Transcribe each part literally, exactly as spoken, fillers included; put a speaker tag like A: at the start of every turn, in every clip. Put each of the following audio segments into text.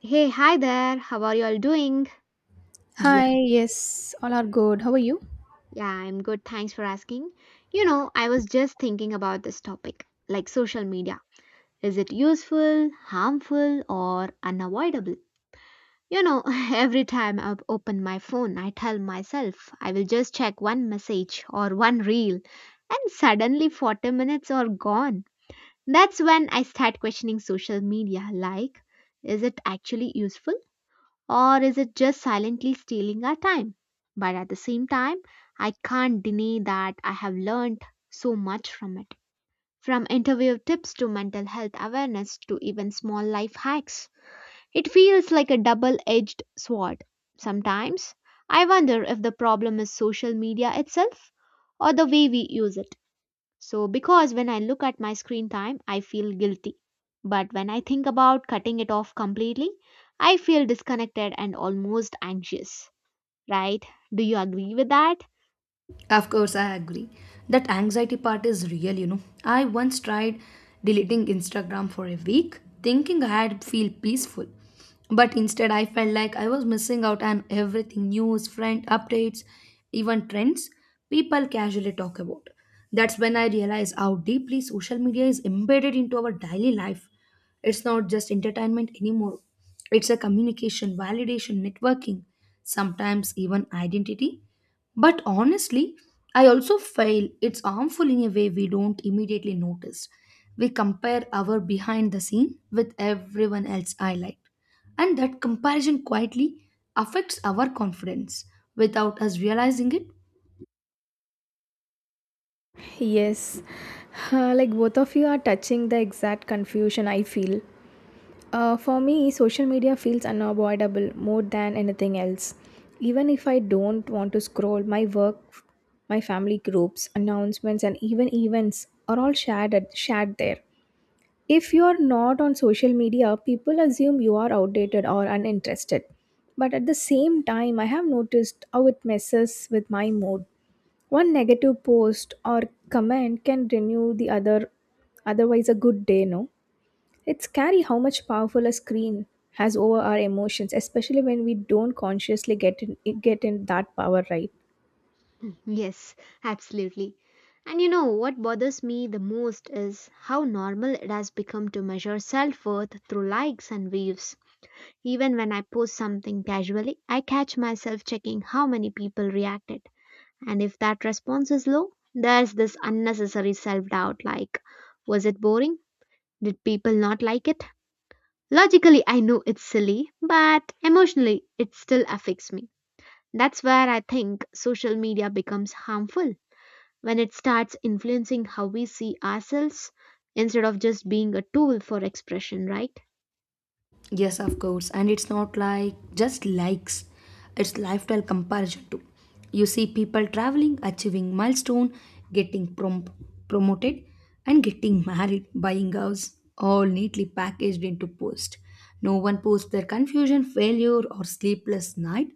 A: Hey, hi there. How are you all doing?
B: Yeah,
C: Hi, yes, all are good. How are you?
A: Yeah, I'm good. Thanks for asking. You know, I was just thinking about this topic like social media. Is it useful, harmful, or unavoidable? You know, every time I open my phone, I tell myself I will just check one message or one reel, and suddenly forty minutes are gone. That's when I start questioning social media like, is it actually useful? Or is it just silently stealing our time? But at the same time, I can't deny that I have learned so much from it. From interview tips to mental health awareness to even small life hacks. It feels like a double edged sword. Sometimes I wonder if the problem is social media itself or the way we use it. So, because when I look at my screen time, I feel guilty. But when I think about cutting it off completely, I feel disconnected and almost anxious, right? Do you agree with that?
B: of course, I agree. That anxiety part is real, you know. I once tried deleting Instagram for a week, thinking I had feel peaceful. But instead, I felt like I was missing out on everything news, friend updates, even trends people casually talk about. That's when I realized how deeply social media is embedded into our daily life. It's not just entertainment anymore, it's a communication, validation, networking, sometimes even identity. But honestly, I also feel it's harmful in a way we don't immediately notice. We compare our behind the scene with everyone else's highlight. And that comparison quietly affects our confidence without us realizing it.
C: Yes. Uh, like both of you are touching the exact confusion I feel. Uh, for me, social media feels unavoidable more than anything else. Even if I don't want to scroll, my work, my family groups, announcements, and even events are all shared at, shared there. If you're not on social media, people assume you are outdated or uninterested. But at the same time, I have noticed how it messes with my mood. One negative post or comment can renew the other otherwise a good day, no? It's scary how much powerful a screen has over our emotions, especially when we don't consciously get in get in that power, right.
A: Yes, absolutely. And you know what bothers me the most is how normal it has become to measure self worth through likes and views. Even when I post something casually, I catch myself checking how many people reacted. And if that response is low, there's this unnecessary self doubt like, was it boring? Did people not like it? Logically, I know it's silly, but emotionally, it still affects me. That's where I think social media becomes harmful when it starts influencing how we see ourselves instead of just being a tool for expression, right?
B: Yes, of course. And it's not like just likes, it's lifestyle comparison too. You see people traveling, achieving milestone, getting prom- promoted, and getting married, buying house, all neatly packaged into post. No one posts their confusion, failure, or sleepless night.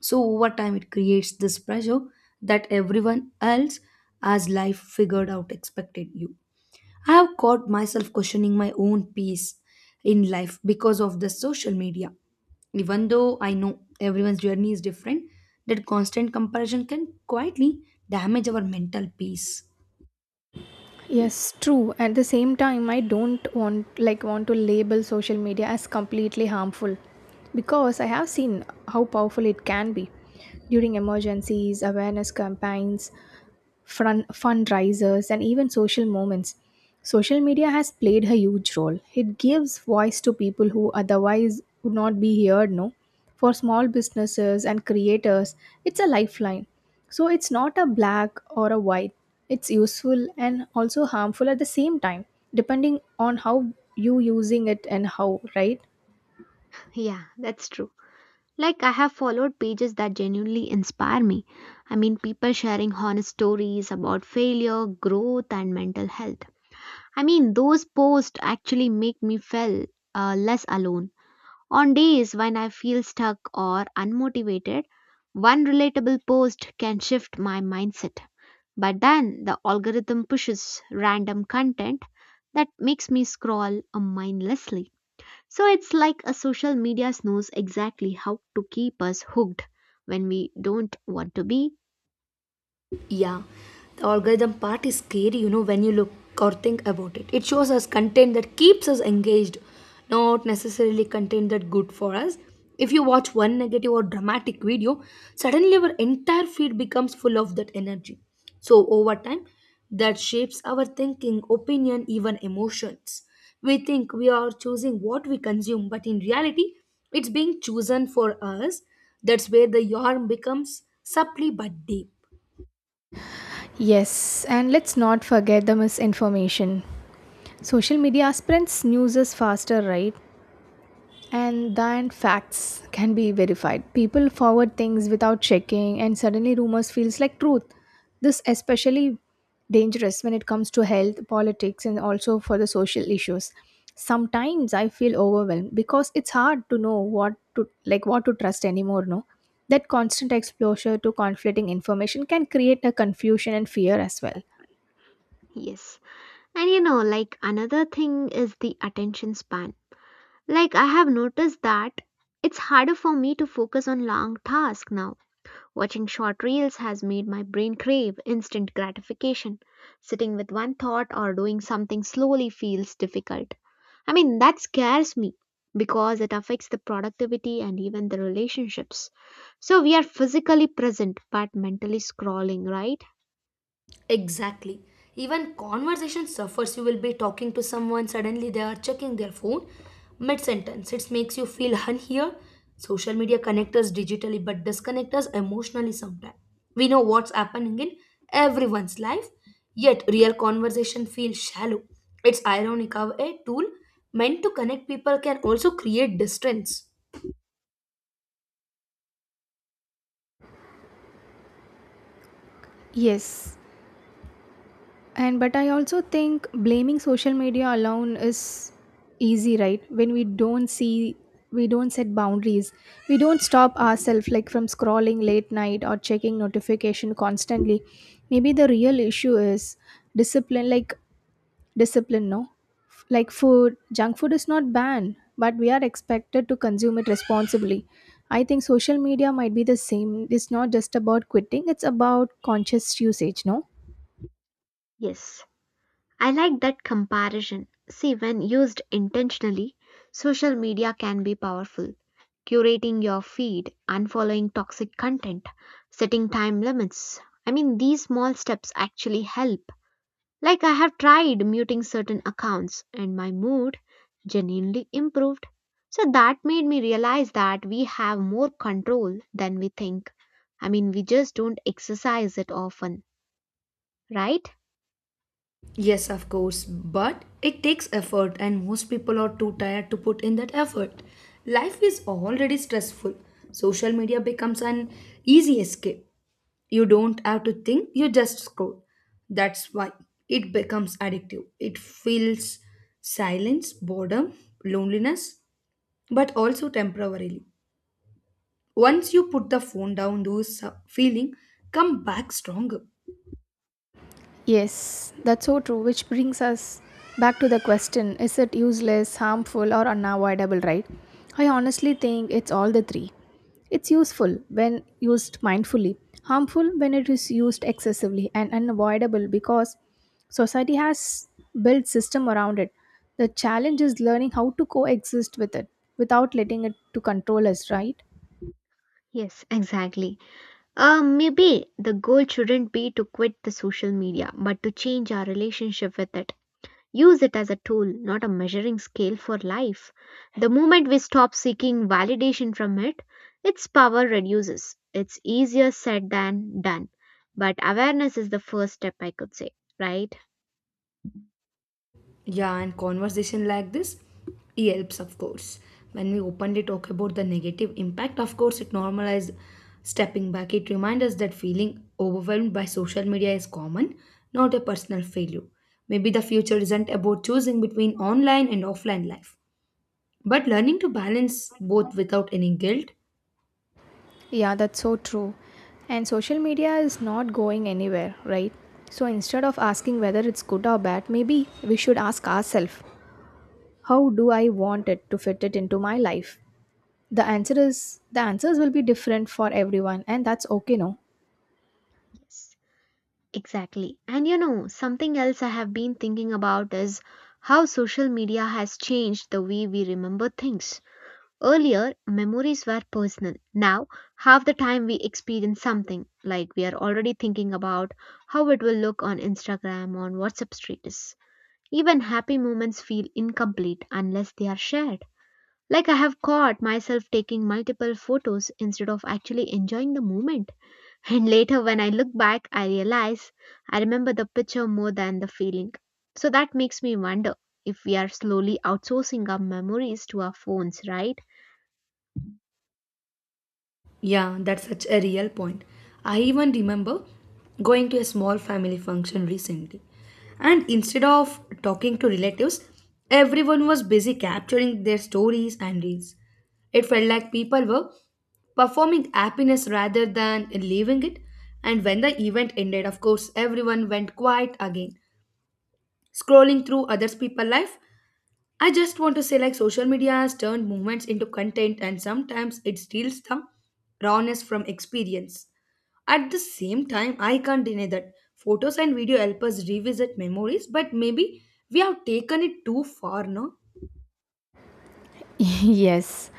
B: So over time, it creates this pressure that everyone else has life figured out expected you. I have caught myself questioning my own peace in life because of the social media. Even though I know everyone's journey is different, that constant comparison can quietly damage our mental peace.
A: Ye-
C: Yes, true. At the same time, I don't want like want to label social media as completely harmful, because I have seen how powerful it can be during emergencies, awareness campaigns, fun- fundraisers, and even social moments. Social media has played a huge role. It gives voice to people who otherwise would not be heard, no? For small businesses and creators, it's a lifeline. So it's not a black or a white. It's useful and also harmful at the same time, depending on how you using it and how, right?
A: Yeah, that's true. Like, I have followed pages that genuinely inspire me. I mean, people sharing honest stories about failure, growth, and mental health. I mean, those posts actually make me feel uh, less alone. On days when I feel stuck or unmotivated, one relatable post can shift my mindset. But then the algorithm pushes random content that makes me scroll uh, mindlessly. So it's like a social media knows exactly how to keep us hooked when we don't want to be.
B: Yeah, the algorithm part is scary, you know, when you look or think about it. It shows us content that keeps us engaged, not necessarily content that good for us. If you watch one negative or dramatic video, suddenly our entire feed becomes full of that energy. So over time, that shapes our thinking, opinion, even emotions. We think we are choosing what we consume, but in reality, it's being chosen for us. That's where the yarn becomes subtly but deep.
C: Yes, and let's not forget the misinformation. Social media spreads news is faster, right? And then facts can be verified. People forward things without checking and suddenly rumors feels like truth. This especially dangerous when it comes to health, politics and also for the social issues. Sometimes I feel overwhelmed because it's hard to know what to like what to trust anymore, no? That constant exposure to conflicting information can create a confusion and fear as well.
A: Yes. And you know, like another thing is the attention span. Like I have noticed that it's harder for me to focus on long tasks now. Watching short reels has made my brain crave instant gratification. Sitting with one thought or doing something slowly feels difficult. I mean, that scares me because it affects the productivity and even the relationships. So we are physically present but mentally scrolling, right?
B: Exactly. Even conversation suffers. You will be talking to someone, suddenly they are checking their phone mid sentence. It makes you feel unheard. Social media connect us digitally but disconnect us emotionally sometimes. We know what's happening in everyone's life, yet real conversation feels shallow. It's ironic how a tool meant to connect people can also create distance.
C: Yes, and but I also think blaming social media alone is easy, right? When we don't see we don't set boundaries. We don't stop ourselves like from scrolling late night or checking notification constantly. Maybe the real issue is discipline like discipline, no? Like food, junk food is not banned, but we are expected to consume it responsibly. I think social media might be the same. It's not just about quitting, it's about conscious usage, no?
A: Yes. I like that comparison. See, when used intentionally, social media can be powerful. Curating your feed, unfollowing toxic content, setting time limits. I mean, these small steps actually help. Like, I have tried muting certain accounts, and my mood genuinely improved. So, that made me realize that we have more control than we think. I mean, we just don't exercise it often, right?
B: Yes, of course, but it takes effort, and most people are too tired to put in that effort. Life is already stressful. Social media becomes an easy escape. You don't have to think, you just scroll. That's why it becomes addictive. It feels silence, boredom, loneliness, but also temporarily. Once you put the phone down, those uh, feeling come back stronger.
C: Yes, that's so true, which brings us back to the question, is it useless, harmful, or unavoidable, right? I honestly think it's all the three. It's useful when used mindfully, harmful when it is used excessively, and unavoidable because society has built system around it. The challenge is learning how to coexist with it without letting it to control us, right?
A: Yes, exactly. Um, maybe the goal shouldn't be to quit the social media, but to change our relationship with it. Use it as a tool, not a measuring scale for life. The moment we stop seeking validation from it, its power reduces. It's easier said than done. But awareness is the first step, I could say, right?
B: Yeah, and conversation like this it helps, of course. When we openly talk about the negative impact, of course, it normalizes stepping back. It reminds us that feeling overwhelmed by social media is common, not a personal failure. Maybe the future isn't about choosing between online and offline life, but learning to balance both without any guilt.
C: Yeah, that's so true. And social media is not going anywhere, right? So instead of asking whether it's good or bad, maybe we should ask ourselves, how do I want it to fit it into my life? The answer is the answers will be different for everyone and that's okay, no?
A: Yes, exactly. And you know, something else I have been thinking about is how social media has changed the way we remember things. Earlier, memories were personal. Now, half the time we experience something, like we are already thinking about how it will look on Instagram, on WhatsApp status. Even happy moments feel incomplete unless they are shared. Like I have caught myself taking multiple photos instead of actually enjoying the moment. And later, when I look back, I realize I remember the picture more than the feeling. So that makes me wonder if we are slowly outsourcing our memories to our phones, right?
B: Yeah, that's such a real point. I even remember going to a small family function recently. And instead of talking to relatives, everyone was busy capturing their stories and reels. It felt like people were performing happiness rather than living it. And when the event ended, of course, everyone went quiet again, scrolling through others' people's life. I just want to say like social media has turned movements into content and sometimes it steals the rawness from experience. At the same time, I can't deny that photos and video help us revisit memories, but maybe we have taken it too far, no?
C: Yes,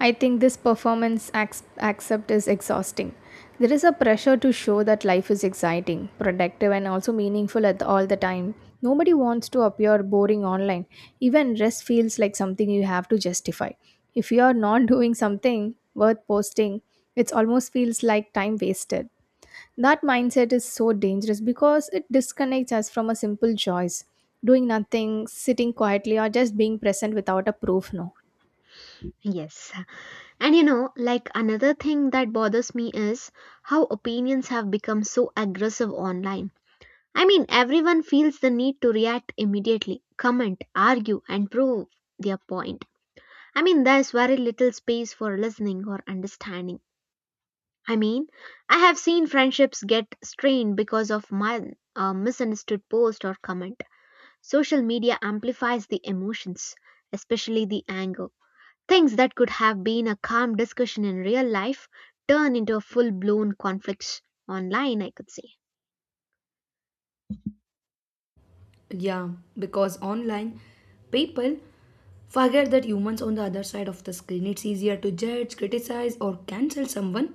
C: I think this performance ac- accept is exhausting. There is a pressure to show that life is exciting, productive, and also meaningful at all the time. Nobody wants to appear boring online. Even rest feels like something you have to justify. If you are not doing something worth posting, it almost feels like time wasted. That mindset is so dangerous because it disconnects us from a simple choice: doing nothing, sitting quietly, or just being present without a proof, no.
A: Yes. And you know, like another thing that bothers me is how opinions have become so aggressive online. I mean, everyone feels the need to react immediately, comment, argue, and prove their point. I mean, there's very little space for listening or understanding. I mean, I have seen friendships get strained because of my uh, misunderstood post or comment. Social media amplifies the emotions, especially the anger. Things that could have been a calm discussion in real life turn into a full blown conflict online, I could say.
B: Yeah, because online people forget that humans on the other side of the screen. It's easier to judge, criticize, or cancel someone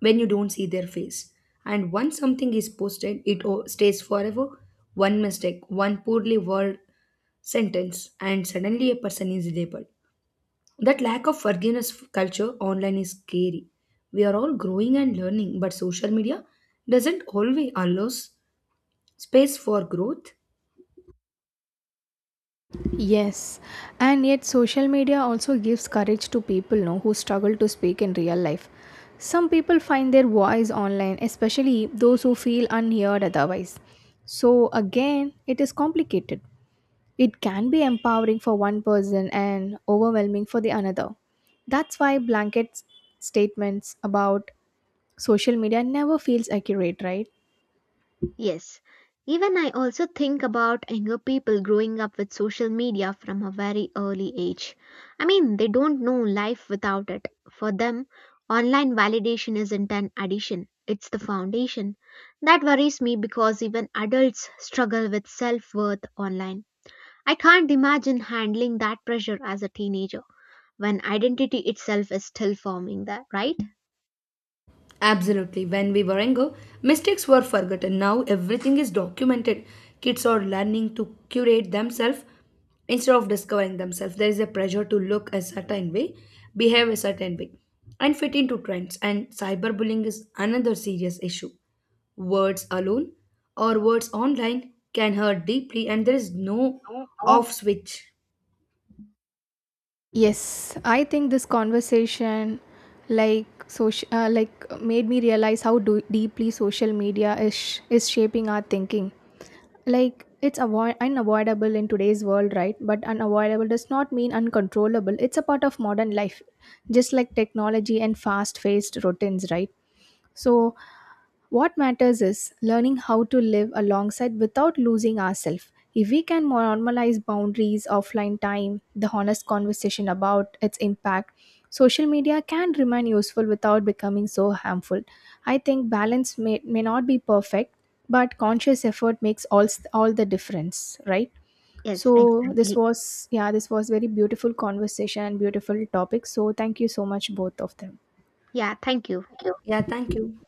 B: when you don't see their face. And once something is posted, it o- stays forever. One mistake, one poorly worded sentence, and suddenly a person is labeled. That lack of forgiveness f- culture online is scary. We are all growing and learning, but social media doesn't always allow s- space for growth.
C: Yes, and yet social media also gives courage to people no, who struggle to speak in real life. Some people find their voice online, especially those who feel unheard otherwise. So, again, it is complicated. It can be empowering for one person and overwhelming for the another. That's why blanket s- statements about social media never feels accurate, right?
A: Yes. Even I also think about younger people growing up with social media from a very early age. I mean, they don't know life without it. For them, online validation isn't an addition, it's the foundation. That worries me because even adults struggle with self worth online. I can't imagine handling that pressure as a teenager, when identity itself is still forming, that right?
B: Absolutely. When we were younger, mistakes were forgotten. Now everything is documented. Kids are learning to curate themselves instead of discovering themselves. There is a pressure to look a certain way, behave a certain way, and fit into trends. And cyberbullying is another serious issue. Words alone or words online can hurt deeply, and there is no
A: No,
B: off switch.
C: Yes, I think this conversation like social uh, like made me realize how do- deeply social media is sh- is shaping our thinking. Like it's avoid- unavoidable in today's world, right? But unavoidable does not mean uncontrollable. It's a part of modern life, just like technology and fast-paced routines, right? So, what matters is learning how to live alongside without losing ourselves. If we can normalize boundaries, offline time, the honest conversation about its impact, social media can remain useful without becoming so harmful. I think balance may, may not be perfect, but conscious effort makes all, all the difference, right?
A: yes,
C: So
A: exactly.
C: this was yeah, this was very beautiful conversation and beautiful topic. So thank you so much both of them.
A: Yeah, thank you.
B: Yeah, thank you.